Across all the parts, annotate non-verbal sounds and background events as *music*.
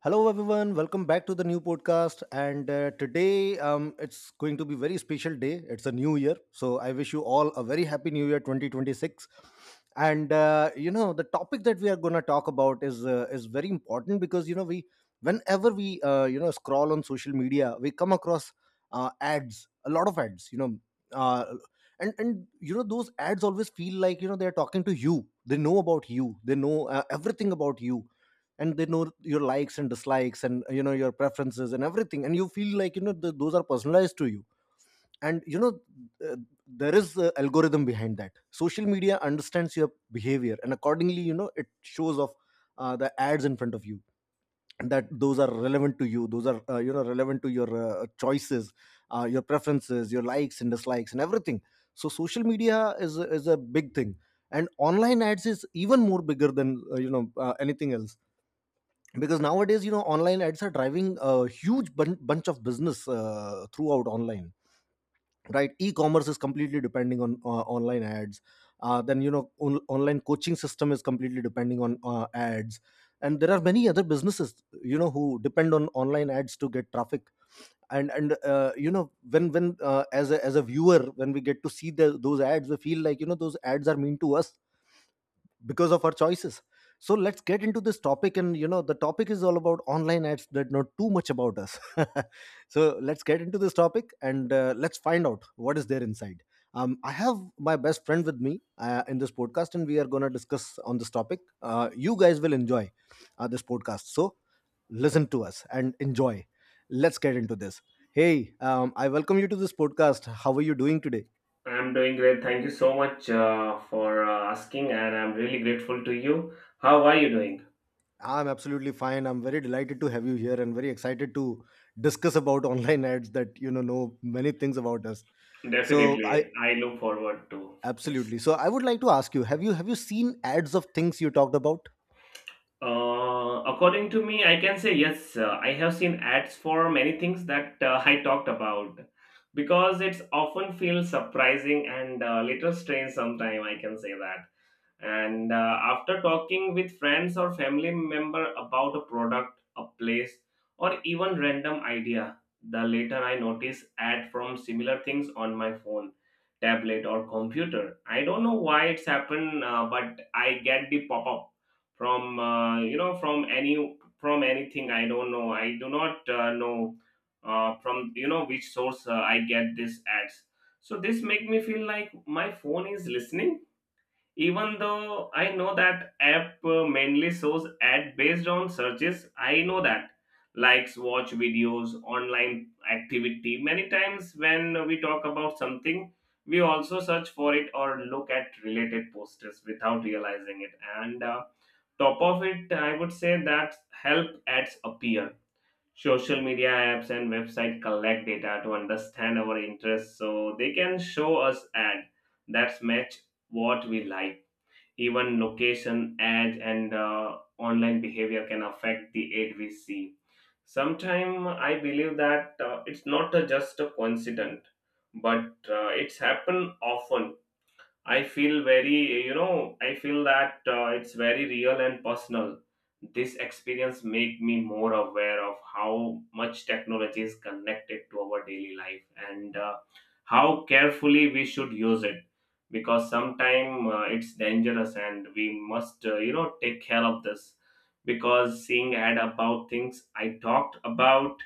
Hello, everyone. Welcome back to the new podcast. And Today, it's going to be very special day. It's a new year, so I wish you all a very happy New Year, 2026. The topic that we are going to talk about is very important because whenever we scroll on social media, we come across ads, a lot of ads. Uh, and those ads always feel like they are talking to you. They know about you. They know everything about you, and they know your likes and dislikes, and your preferences and everything, and you feel like those are personalized to you. And you know uh, there is a algorithm behind that. Social media understands your behavior, and accordingly it shows off the ads in front of you, and that those are relevant to you. Those are relevant to your choices, your preferences, your likes and dislikes and everything. So social media is a big thing, and online ads is even more bigger than anything else, because nowadays online ads are driving a huge bunch of business throughout online. Right, e-commerce is completely depending on online ads. Then you know on- Online coaching system is completely depending on ads, and there are many other businesses, who depend on online ads to get traffic. And you know when As a viewer, when we get to see those ads, we feel like those ads are mean to us because of our choices. So let's get into this topic, and the topic is all about online ads that know too much about us. *laughs* So let's get into this topic and let's find out what is there inside. I have my best friend with me in this podcast, and we are going to discuss on this topic. You guys will enjoy this podcast, so listen to us and enjoy. Let's get into this. Hey, I welcome you to this podcast. How are you doing today? I'm doing great. Thank you so much for asking, and I'm really grateful to you. How are you doing? I'm absolutely fine. I'm very delighted to have you here and very excited to discuss about online ads that know many things about us. So I Definitely, I look forward to. Yes. absolutely. So I would like to ask you, have you seen ads of things you talked about? According to me, I can say yes. I have seen ads for many things that *laughs* I talked about because it's often feels surprising and little strange sometime. I can say that. And after talking with friends or family member about a product, a place, or even random idea, the later I notice ad from similar things on my phone, tablet, or computer. I don't know why it's happened, but I get the pop up from you know from any from anything. I don't know I do not know from which source I get these ads, so this make me feel like my phone is listening, even though I know that app mainly shows ad based on searches. I know that likes watch videos online activity. Many times when we talk about something we also search for it or look at related posters without realizing it, and top of it I would say that help ads appear. Social media apps and website collect data to understand our interests so they can show us ad that match what we like. Even location ads and online behavior can affect the ad we see. Sometimes I believe that it's not a just a coincidence, but it's happened often. I feel very, I feel that it's very real and personal. This experience make me more aware of how much technology is connected to our daily life, and how carefully we should use it, because sometimes it's dangerous and we must, take care of this, because seeing ad about things I talked about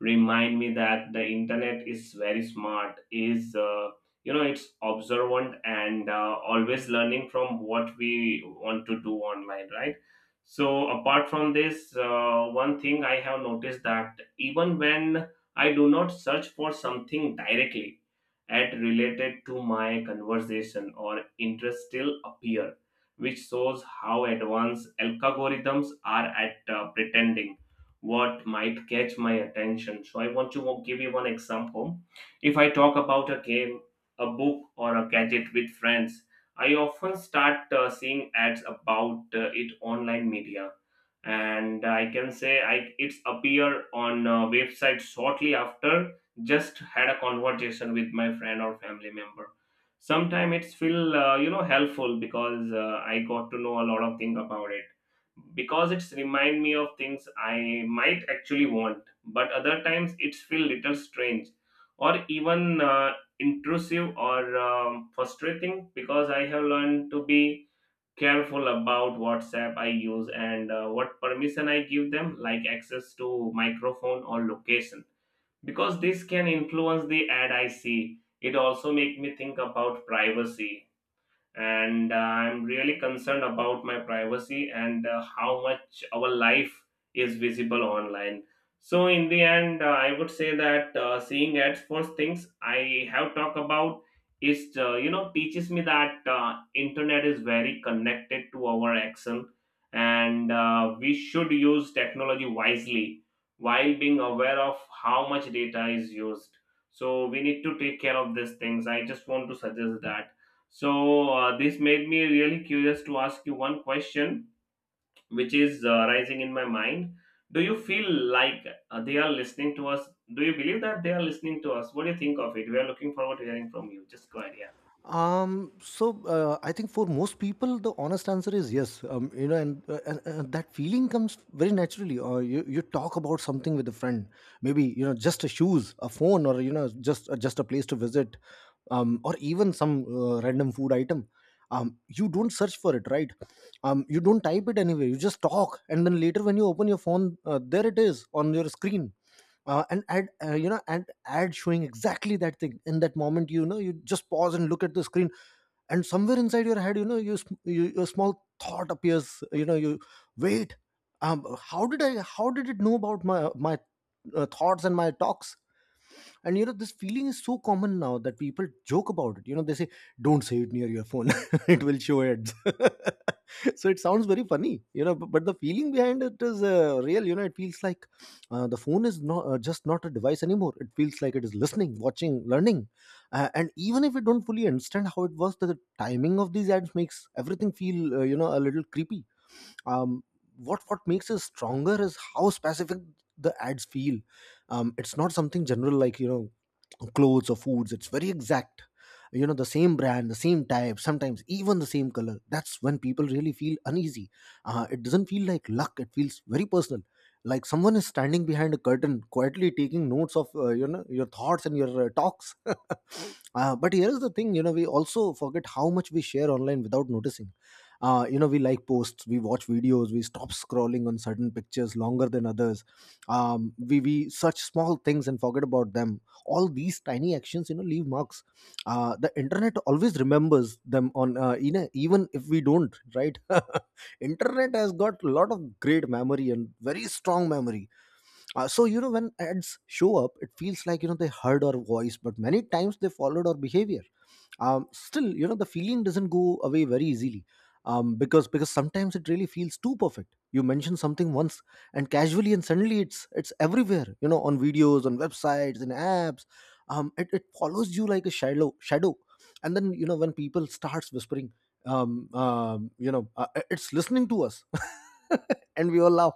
remind me that the internet is very smart, is it's observant and always learning from what we want to do online, right? So apart from this one thing I have noticed that even when I do not search for something directly, at related to my conversation or interest still appear, which shows how advanced algorithms are at pretending what might catch my attention. So I want to give you one example. If I talk about a game, a book, or a gadget with friends, I often start seeing ads about it online media, and I can say I it's appear on website shortly after just had a conversation with my friend or family member. Sometimes it's feel helpful because I got to know a lot of thing about it, because it's remind me of things I might actually want, but other times it's feel little strange or even intrusive or frustrating, because I have learned to be careful about WhatsApp I use and what permission I give them, like access to microphone or location, because this can influence the ad I see. It also make me think about privacy, and I'm really concerned about my privacy and how much our life is visible online. So in the end I would say that seeing ads first things I have talked about is teaches me that internet is very connected to our action, and we should use technology wisely while being aware of how much data is used. So we need to take care of these things, I just want to suggest that. So this made me really curious to ask you one question, which is rising in my mind. Do you feel like they are listening to us? Do you believe that they are listening to us? What do you think of it? We are looking forward to hearing from you. Just go ahead, yeah. I think for most people, the honest answer is yes. You know, and That feeling comes very naturally. Or you talk about something with a friend, maybe just a shoes, a phone, or just a place to visit, or even some random food item. You don't search for it, right? You don't type it anywhere. You just talk, and then later when you open your phone, there it is on your screen, an ad, you know and ad showing exactly that thing in that moment. You just pause and look at the screen, and somewhere inside your head, you your small thought appears. You know you wait, um how did it know about my my thoughts and my talks? And this feeling is so common now that people joke about it. They say, don't say it near your phone, *laughs* it will show ads. *laughs* So it sounds very funny, but the feeling behind it is real. It feels like the phone is not just not a device anymore. It feels like it is listening, watching, learning, and even if we don't fully understand how it works, the timing of these ads makes everything feel a little creepy. um, what makes it stronger is how specific the ads feel. It's not something general, like clothes or foods. It's very exact. The same brand, the same type, sometimes even the same color. That's when people really feel uneasy. It doesn't feel like luck, it feels very personal, like someone is standing behind a curtain quietly taking notes of your thoughts and your talks. *laughs* But here is the thing, we also forget how much we share online without noticing. We like posts, we watch videos, we stop scrolling on certain pictures longer than others. We we search small things and forget about them. All these tiny actions, leave marks. The internet always remembers them, even if we don't, right? *laughs* Internet has got a lot of great memory and very strong memory. So when ads show up, it feels like they heard our voice, but many times they followed our behavior. Still, the feeling doesn't go away very easily. Because because sometimes it really feels too perfect. You mention something once and casually, and suddenly it's everywhere. On videos, on websites, in apps. It follows you like a shadow. And then when people starts whispering, it's listening to us. *laughs* And we all laugh.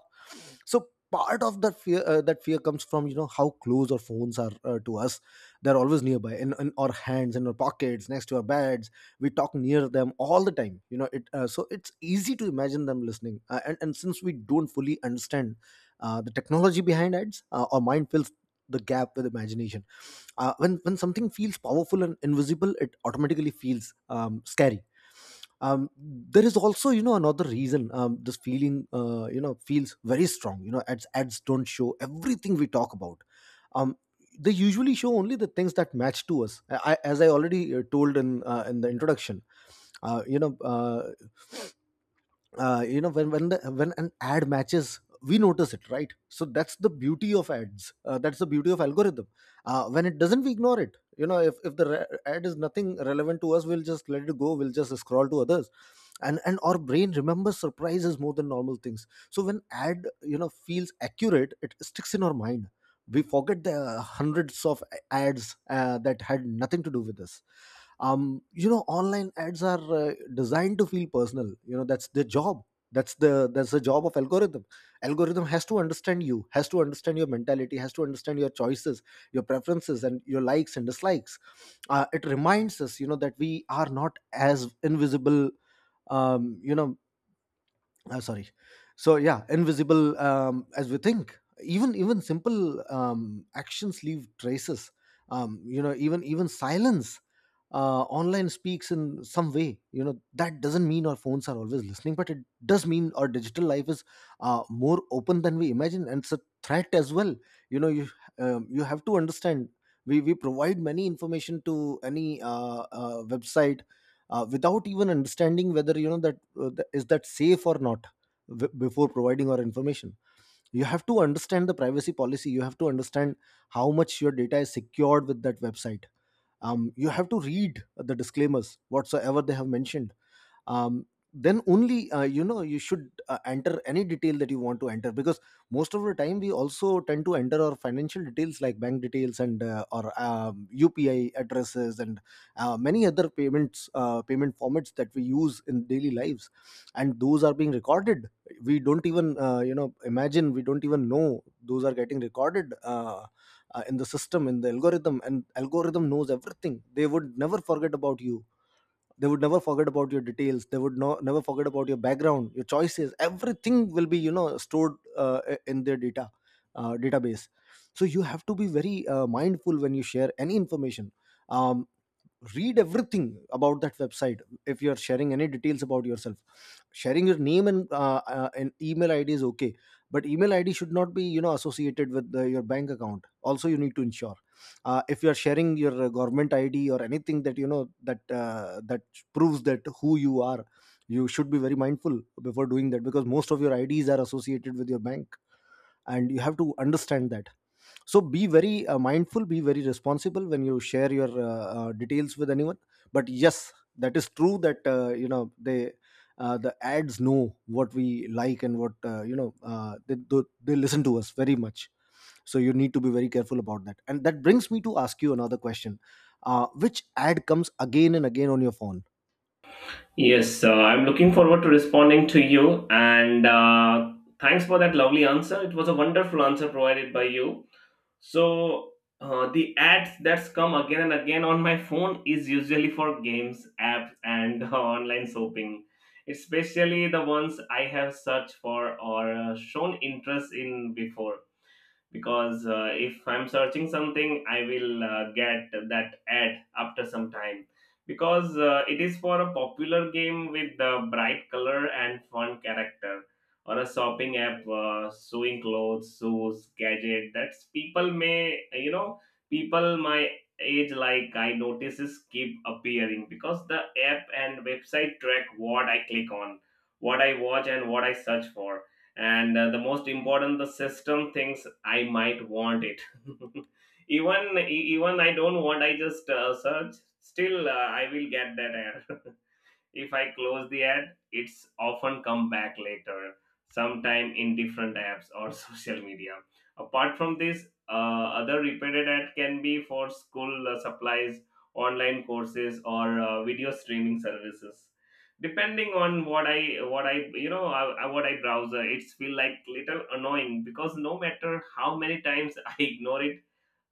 So part of that fear, that fear comes from how close our phones are to us. They're always nearby, in our hands, in our pockets, next to our beds. We talk near them all the time. You know it So it's easy to imagine them listening, and since we don't fully understand the technology behind ads, our mind fills the gap with imagination. When something feels powerful and invisible, it automatically feels scary. There is also, another reason this feeling feels very strong. Ads don't show everything we talk about. um, they usually show only the things that match to us. As I already told in the introduction. Uh, you know when the, When an ad matches, we notice it, right? So that's the beauty of ads, that's the beauty of algorithm. When it doesn't, we ignore it. If the ad is nothing relevant to us, we'll just let it go, we'll just scroll to others. And our brain remembers surprises more than normal things, so when ad feels accurate, it sticks in our mind. We forget the hundreds of ads that had nothing to do with us. Online ads are designed to feel personal. That's their job. That's the job of algorithm. Algorithm has to understand you, has to understand your mentality, has to understand your choices, your preferences and your likes and dislikes. It reminds us, that we are not as invisible. um you know sorry. So yeah, invisible, as we think. Even simple actions leave traces. Even silence online speaks in some way. That doesn't mean our phones are always listening, but it does mean our digital life is more open than we imagine, and it's a threat as well. you know you you have to understand, we provide many information to any website without even understanding whether that is that safe or not. Before providing our information, you have to understand the privacy policy, you have to understand how much your data is secured with that website. You have to read the disclaimers whatsoever they have mentioned. um, then only you should enter any detail that you want to enter, because most of the time we also tend to enter our financial details, like bank details, and or upi addresses, and many other payment formats that we use in daily lives, and those are being recorded. We don't even imagine, we don't even know those are getting recorded, in the system, in the algorithm, and algorithm knows everything. They would never forget about you, they would never forget about your details, they would never forget about your background, your choices. Everything will be stored in their database. So you have to be very mindful when you share any information. um, Read everything about that website if you are sharing any details about yourself, sharing Your name and an email id is okay, but email id should not be, associated with your bank account. Also you need to ensure, if you are sharing your government id or anything that, you know, that that proves that who you are, you should be very mindful before doing that, because most of your ids are associated with your bank, and you have to understand that. So be very mindful, be very responsible when you share your details with anyone. But yes, that is true that you know, they the ads know what we like and what, you know, they listen to us very much. So you need to be very careful about that. And that brings me to ask you another question. Which ad comes again and again on your phone? Yes, I'm looking forward to responding to you, and thanks for that lovely answer. It was a wonderful answer provided by you. So the ads that's come again and again on my phone is usually for games, apps, and *laughs* online shopping, especially the ones I have searched for or shown interest in before, because if I'm searching something I will get that ad after some time, because it is for a popular game with the bright color and fun character, or a shopping app sewing clothes shoes gadget that's people may people my age like I notices keep appearing because the app and website track what I click on, what I watch and what I search for, and the most important the system thinks I might want it. *laughs* Even even I don't want, I just search, still I will get that error. *laughs* If I close the ad it's often come back later, sometime in different apps or *laughs* social media. Apart from this other repeated ad can be for school supplies, online courses or video streaming services, depending on what I what I browser. It's feel like little annoying because no matter how many times *laughs* I ignore it,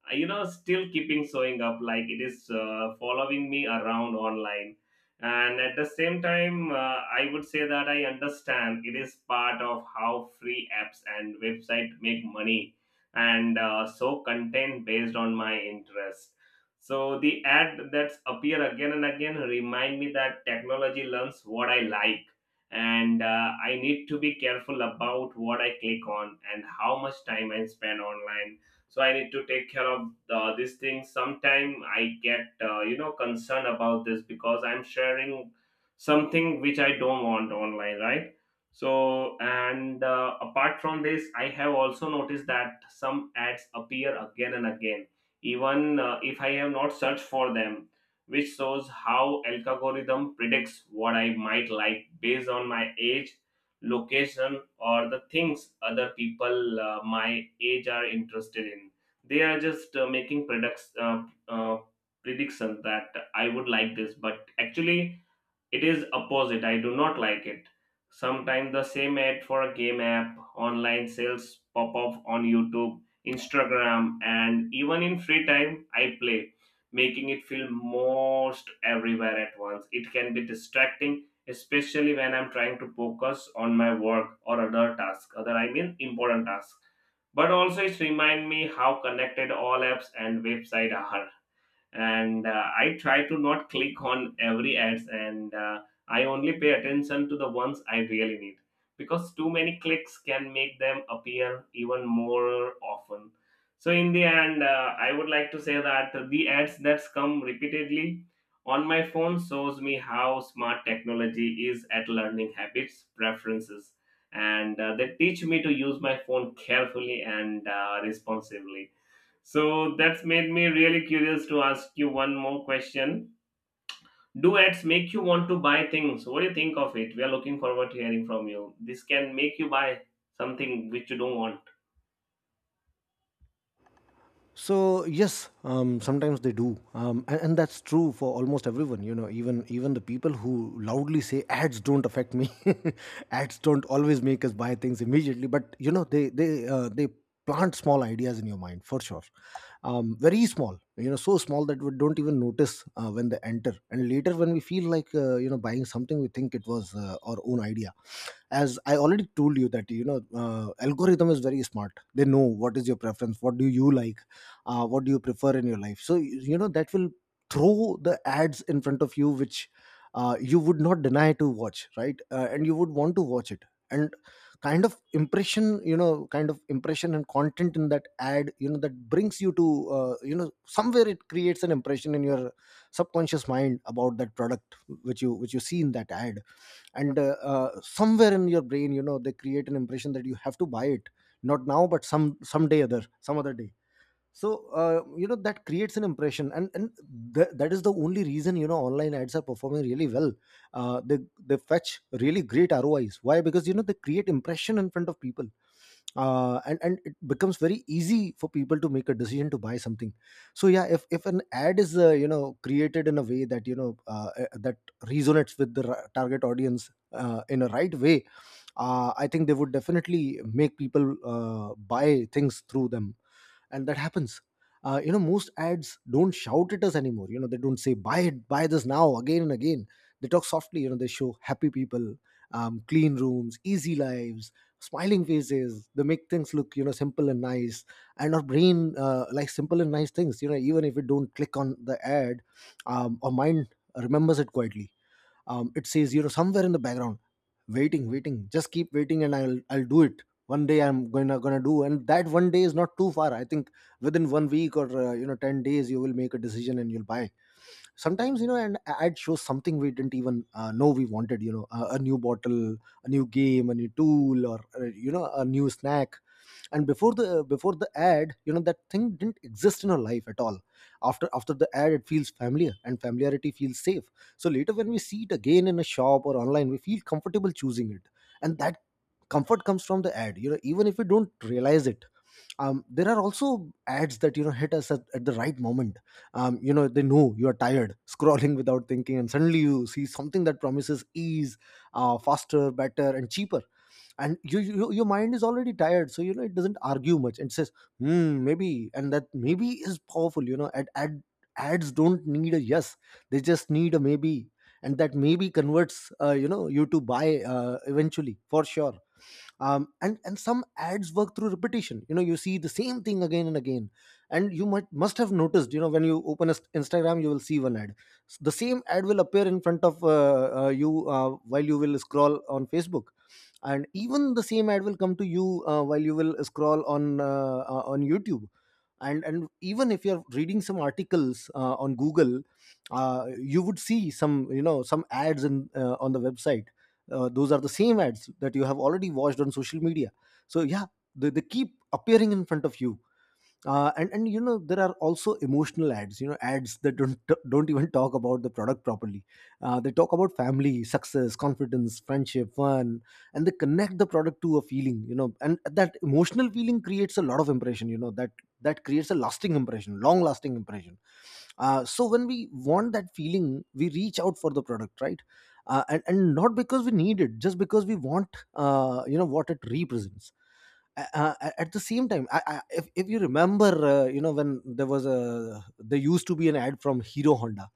still keeping showing up like it is following me around online. And at the same time I would say that I understand it is part of how free apps and website make money, and so content based on my interest. So the ad that's appear again and again remind me that technology learns what I like, and I need to be careful about what I click on and how much time I spend online. So I need to take care of these things. Sometime I get concerned about this because I'm sharing something which I don't want online, right? So and apart from this I have also noticed that some ads appear again and again even if I have not searched for them, which shows how algorithm predicts what I might like based on my age, location or the things other people my age are interested in. They are just making products prediction that I would like this, but actually it is opposite. I do not like it. Sometimes the same ad for a game app, online sales pop up on YouTube, Instagram, and even in free time, I play, making it feel most everywhere at once. It can be distracting, especially when I'm trying to focus on my work or other tasks, other I mean important tasks. But also, it reminds me how connected all apps and websites are, and I try to not click on every ads and I only pay attention to the ones I really need, because too many clicks can make them appear even more often. So in the end I would like to say that the ads that come repeatedly on my phone shows me how smart technology is at learning habits preferences, and they teach me to use my phone carefully and responsibly. So that's made me really curious to ask you one more question. Do ads make you want to buy things? What do you think of it? We are looking forward to hearing from you. This can make you buy something which you don't want. So yes, sometimes they do. And that's true for almost everyone. You know, even the people who loudly say ads don't affect me, *laughs* ads don't always make us buy things immediately. But you know, they they plant small ideas in your mind, for sure. Very small. You know, so small that we don't even notice when they enter, and later when we feel like, you know, buying something, we think it was, our own idea. As I already told you that, you know, algorithm is very smart. They know what is your preference, what do you like, what do you prefer in your life. So you know that will throw the ads in front of you, which, you would not deny to watch, right? And you would want to watch it. And kind of impression, you know, kind of impression and content in that ad, you know, that brings you to, you know, somewhere it creates an impression in your subconscious mind about that product, which you see in that ad. And somewhere in your brain, you know, they create an impression that you have to buy it, not now but someday other some other day. So, you know, that creates an impression. And that is the only reason, you know, online ads are performing really well. uh, they they fetch really great rois. Why? Because you know they create impression in front of people, and it becomes very easy for people to make a decision to buy something. So yeah, if an ad is, you know, created in a way that, you know, that resonates with the target audience, in a right way, I think they would definitely make people buy things through them. And that happens. You know, most ads don't shout at us anymore. You know, they don't say buy it, buy this now, again and again. They talk softly. You know, they show happy people, clean rooms, easy lives, smiling faces. They make things look, you know, simple and nice. And our brain like simple and nice things. You know, even if we don't click on the ad, our mind remembers it quietly. It says, you know, somewhere in the background, waiting, waiting, just keep waiting, and I'll do it one day. I'm gonna do, and that one day is not too far, I think. Within one week, or you know, 10 days, you will make a decision and you'll buy. Sometimes, you know, and ad shows something we didn't even know we wanted, you know, a new bottle, a new game, a new tool, or you know, a new snack. And before the ad, you know, that thing didn't exist in our life at all. After the ad, it feels familiar, and familiarity feels safe. So later, when we see it again in a shop or online, we feel comfortable choosing it. And that comfort comes from the ad, you know, even if we don't realize it. There are also ads that, you know, hit us at the right moment. You know, they know you are tired, *laughs* scrolling without thinking, and suddenly you see something that promises ease, faster, better, and cheaper. And you, your mind is already tired, so, you know, it doesn't argue much, and says, hmm, maybe. And that maybe is powerful. You know, ads don't need a yes, they just need a maybe. And that maybe converts, you know, you to buy, eventually, for sure. And some ads work through repetition. You know, you see the same thing again and again. And you might must have noticed, you know, when you open a Instagram, you will see one ad. The same ad will appear in front of you while you will scroll on Facebook. And even the same ad will come to you, while you will scroll on YouTube. And even if you're reading some articles, on Google, you would see some, you know, some ads in, on the website. Those are the same ads that you have already watched on social media. So yeah, they keep appearing in front of you. And you know, there are also emotional ads. You know, ads that don't even talk about the product properly. They talk about family, success, confidence, friendship, fun. And they connect the product to a feeling. You know, and that emotional feeling creates a lot of impression. You know, that that creates a lasting impression, long lasting impression. So when we want that feeling, we reach out for the product, right? And not because we need it, just because we want, you know, what it represents. At the same time, if you remember, you know, when there was a, there used to be an ad from Hero Honda,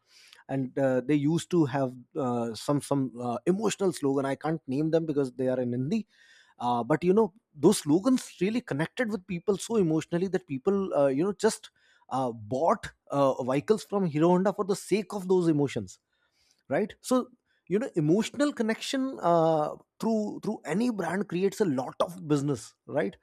and they used to have, some emotional slogan. I can't name them because they are in Hindi. But you know, those slogans really connected with people so emotionally that people, you know, just bought vehicles from Hero Honda for the sake of those emotions, right? So, you know, emotional connection, through any brand creates a lot of business, right?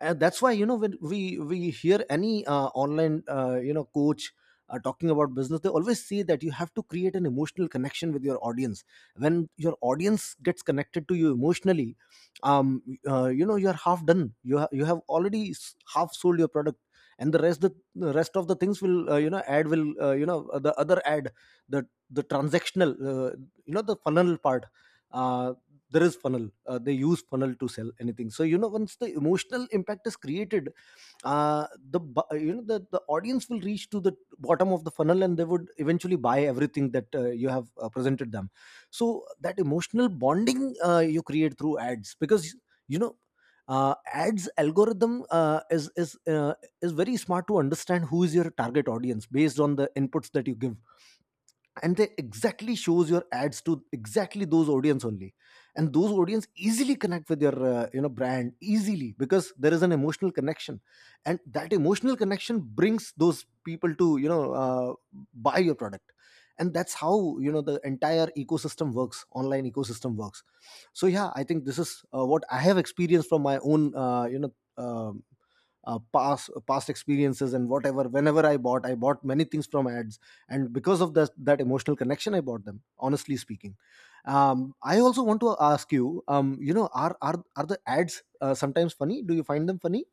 that's why, you know, when we hear any, online, you know, coach talking about business, they always say that you have to create an emotional connection with your audience. When your audience gets connected to you emotionally, you know, you're half done. You have already half sold your product. And the rest, the rest of the things will, you know, ad will, you know, the other ad, the transactional, you know, the funnel part. Uh, there is funnel, they use funnel to sell anything. So you know, once the emotional impact is created, uh, you know, the audience will reach to the bottom of the funnel, and they would eventually buy everything that, you have, presented them. So that emotional bonding, you create through ads because, you know, ads algorithm, is very smart to understand who is your target audience, based on the inputs that you give. And they exactly shows your ads to exactly those audience only. And those audience easily connect with your, you know, brand easily, because there is an emotional connection. And that emotional connection brings those people to, you know, buy your product. And that's how, you know, the entire ecosystem works, online ecosystem works. So yeah, I think this is, what I have experienced from my own, you know, um past, past experiences. And whatever whenever I bought many things from ads, and because of that, that emotional connection, I bought them, honestly speaking. I also want to ask you, you know, are the ads, sometimes funny? Do you find them funny?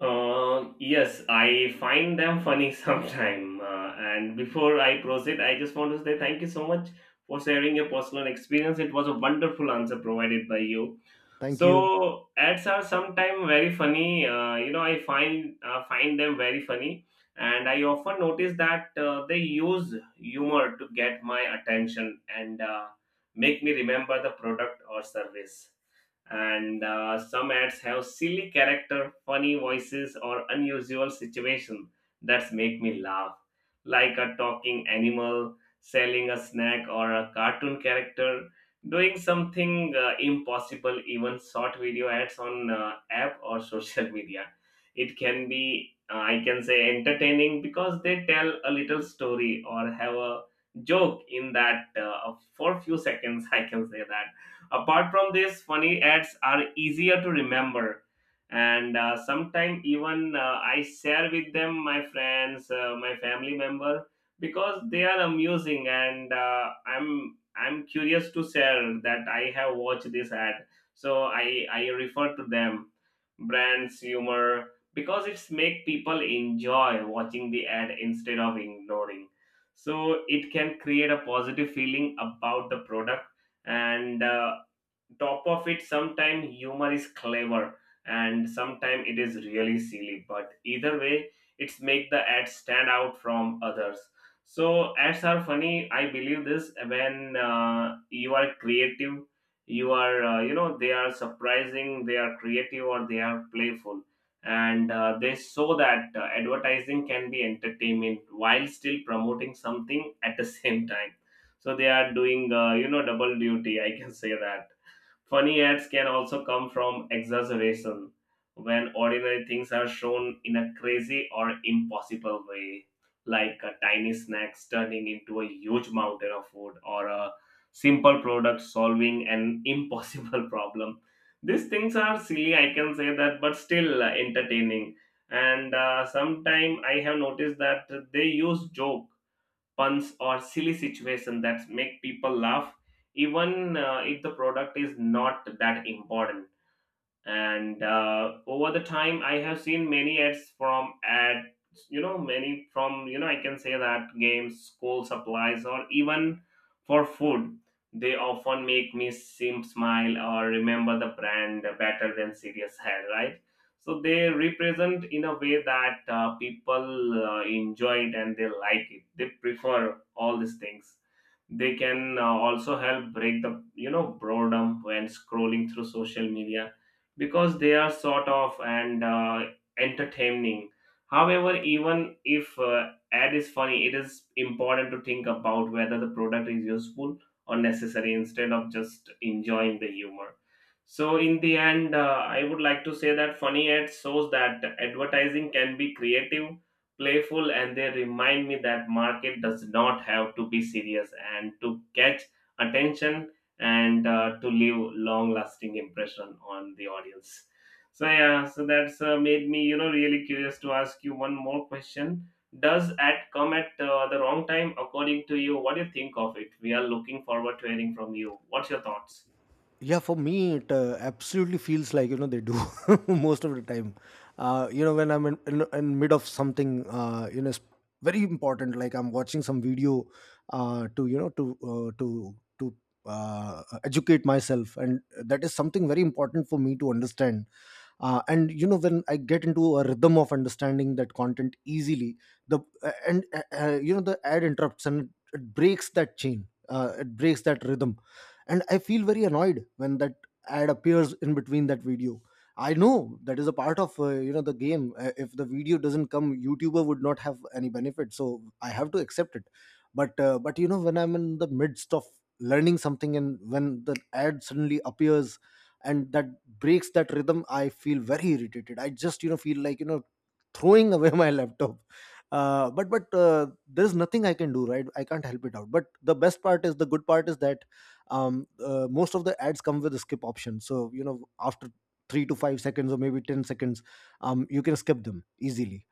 Yes, I find them funny *laughs* sometime. And before I proceed, I just want to say thank you so much for sharing your personal experience. It was a wonderful answer provided by you. Thank you. So ads are sometimes very funny. You know, I find find them very funny, and I often notice that they use humor to get my attention and make me remember the product or service, and some ads have silly character funny voices or unusual situation that make me laugh, like a talking animal selling a snack or a cartoon character doing something impossible. Even short video ads on app or *laughs* social media, it can be I can say entertaining because they tell a little story or have a joke in that for few seconds. *laughs* I can say that. Apart from this, funny ads are easier to remember, and sometimes even I share with them my friends, my family member, because they are amusing, and I'm curious to share that I have watched this ad, so I refer to them, brands humor because it's make people enjoy watching the ad instead of ignoring. So it can create a positive feeling about the product, and top of it sometimes humor is clever, and sometimes it is really silly, but either way it's make the ad stand out from others. So ads are funny, I believe this when you are creative, you are they are surprising, they are creative or they are playful, and they show that advertising can be entertainment while still promoting something at the *laughs* same time. So they are doing double duty, I can say that. Funny ads can also come from exaggeration, when ordinary things are shown in a crazy or impossible way, like a tiny snack turning into a huge mountain of food or a simple product solving an impossible *laughs* problem. These things are silly, I can say that, but still entertaining. And sometime I have noticed that they use joke puns or silly situation that make people laugh even if the product is not that important. And over the time I have seen many ads from ads many from I can say that games school supplies or even for food. They often make me seem smile or remember the brand better than serious head, right? So they represent in a way that people enjoy it and they like it, they prefer all these things. They can also help break the boredom when scrolling through social media, because they are sort of and entertaining. However, even if ad is funny, it is important to think about whether the product is useful or necessary instead of just enjoying the humor. So, in the end, I would like to say that funny ads shows that advertising can be creative, playful, and they remind me that market does not have to be serious, and to catch attention and to leave long lasting impression on the audience. So yeah, so that's made me really curious to ask you one more question. Does ad come at the wrong time, according to you? What do you think of it? We are looking forward to hearing from you. What's your thoughts? Yeah, for me, it absolutely feels like, you know, they do. *laughs* Most of the time. You know, when I'm in mid of something, you know, it's very important, like I'm watching some video, to, you know, to educate myself, and that is something very important for me to understand. And you know, when I get into a rhythm of understanding that content easily, the and you know, the ad interrupts, and it breaks that chain. It breaks that rhythm, and I feel very annoyed when that ad appears in between that video. I know that is a part of the game. If the video doesn't come, youtuber would not have any benefit, so I have to accept it. But you know, when I'm in the midst of learning something and when the ad suddenly appears and that breaks that rhythm, I feel very irritated. I just, you know, feel like, you know, throwing *laughs* away my laptop. But there's nothing I can do, right? I can't help it out. But the best part is, the good part is that, most of the ads come with a skip option, so you know, after 3 to 5 seconds or maybe 10 seconds, you can skip them easily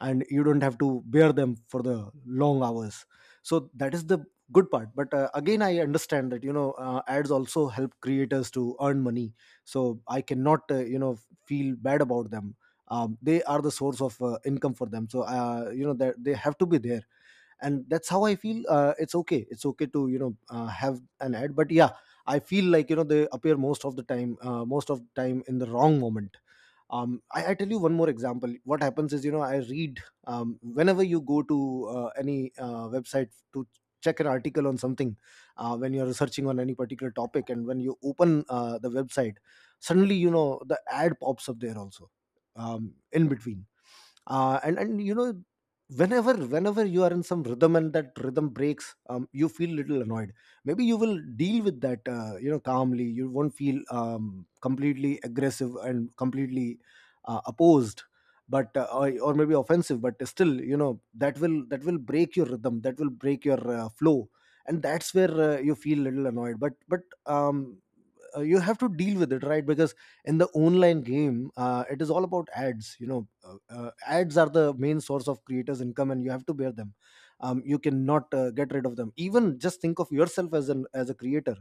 and you don't have to bear them for the long hours. So that is the good part. But again, I understand that, you know, ads also help creators to earn money, so I cannot, feel bad about them. They are the source of income for them, so you know that they have to be there. And that's how I feel. It's okay, it's okay to, have an ad. But yeah, I feel like, you know, they appear most of the time, most of the time in the wrong moment. I tell you one more example. What happens is, you know, I read, whenever you go to any website to check an article on something, when you're researching on any particular topic and when you open the website, suddenly, you know, the ad pops up there also, in between. And you know, whenever you are in some rhythm and that rhythm breaks, you feel little annoyed. Maybe you will deal with that, you know, calmly. You won't feel completely aggressive and completely opposed. Or maybe offensive. But still, you know, that will break your rhythm, that will break your flow. And that's where you feel a little annoyed. But but um, uh, you have to deal with it, right? Because in the online game, it is all about ads, you know. Ads are the main source of creators income and you have to bear them. You cannot get rid of them. Even just think of yourself as an as a creator.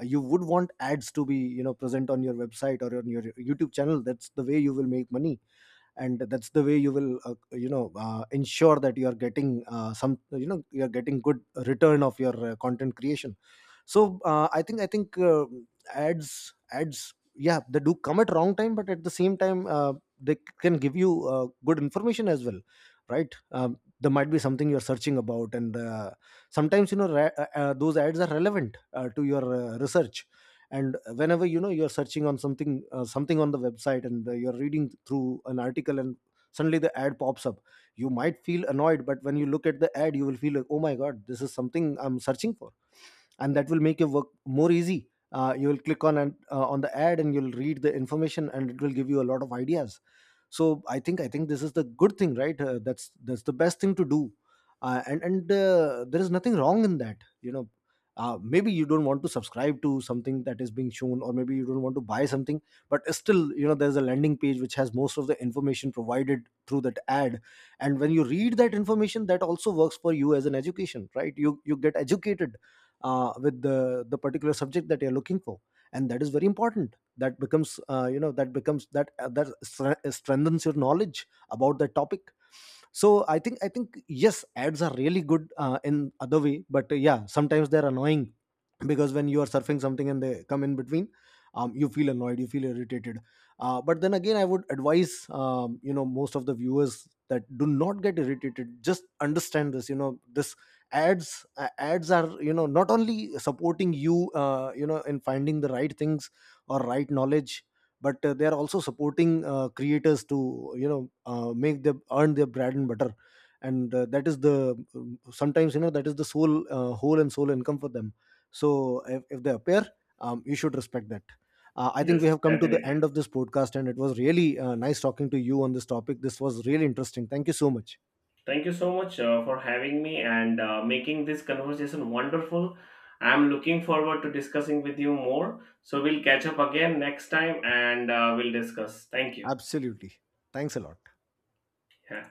You would want ads to be, you know, present on your website or on your youtube channel. That's the way you will make money, and that's the way you will, ensure that you are getting some, you know, you are getting good return of your content creation. So I think ads, ads, yeah, they do come at wrong time, but at the same time they can give you good information as well, right? There might be something you're searching about, and sometimes, you know, those ads are relevant to your research. And whenever, you know, you're searching on something, something on the website, and you're reading through an article, and suddenly the ad pops up. You might feel annoyed, but when you look at the ad, you will feel like, oh my god, this is something I'm searching for. And that will make your work more easy. You will click on, and on the ad, and you'll read the information, and it will give you a lot of ideas. So I think this is the good thing, right? That's the best thing to do. And there is nothing wrong in that, you know. Maybe you don't want to subscribe to something that is being shown, or maybe you don't want to buy something. But still, you know, there's a landing page which has most of the information provided through that ad. And when you read that information, that also works for you as an education, right? You get educated with the particular subject that you're looking for. And that is very important. That becomes, that becomes that, that strengthens your knowledge about that topic. So I think yes, ads are really good in other way, but yeah, sometimes they're annoying, because when you are surfing something and they come in between, you feel annoyed, you feel irritated. But then again, I would advise, you know, most of the viewers, that do not get irritated. Just understand this, you know, this ads, ads are, you know, not only supporting you you know, in finding the right things or right knowledge, but they are also supporting creators to, make them earn their bread and butter. And that is the, sometimes, you know, that is the sole, whole and sole income for them. So if they appear, you should respect that. I think Yes, we have come to the definitely. end of this podcast, and it was really nice talking to you on this topic. This was really interesting. Thank you so much. Thank you so much for having me and making this conversation wonderful. I'm looking forward to discussing with you more, so we'll catch up again next time and we'll discuss. Thank you. Absolutely. Thanks a lot. Yeah.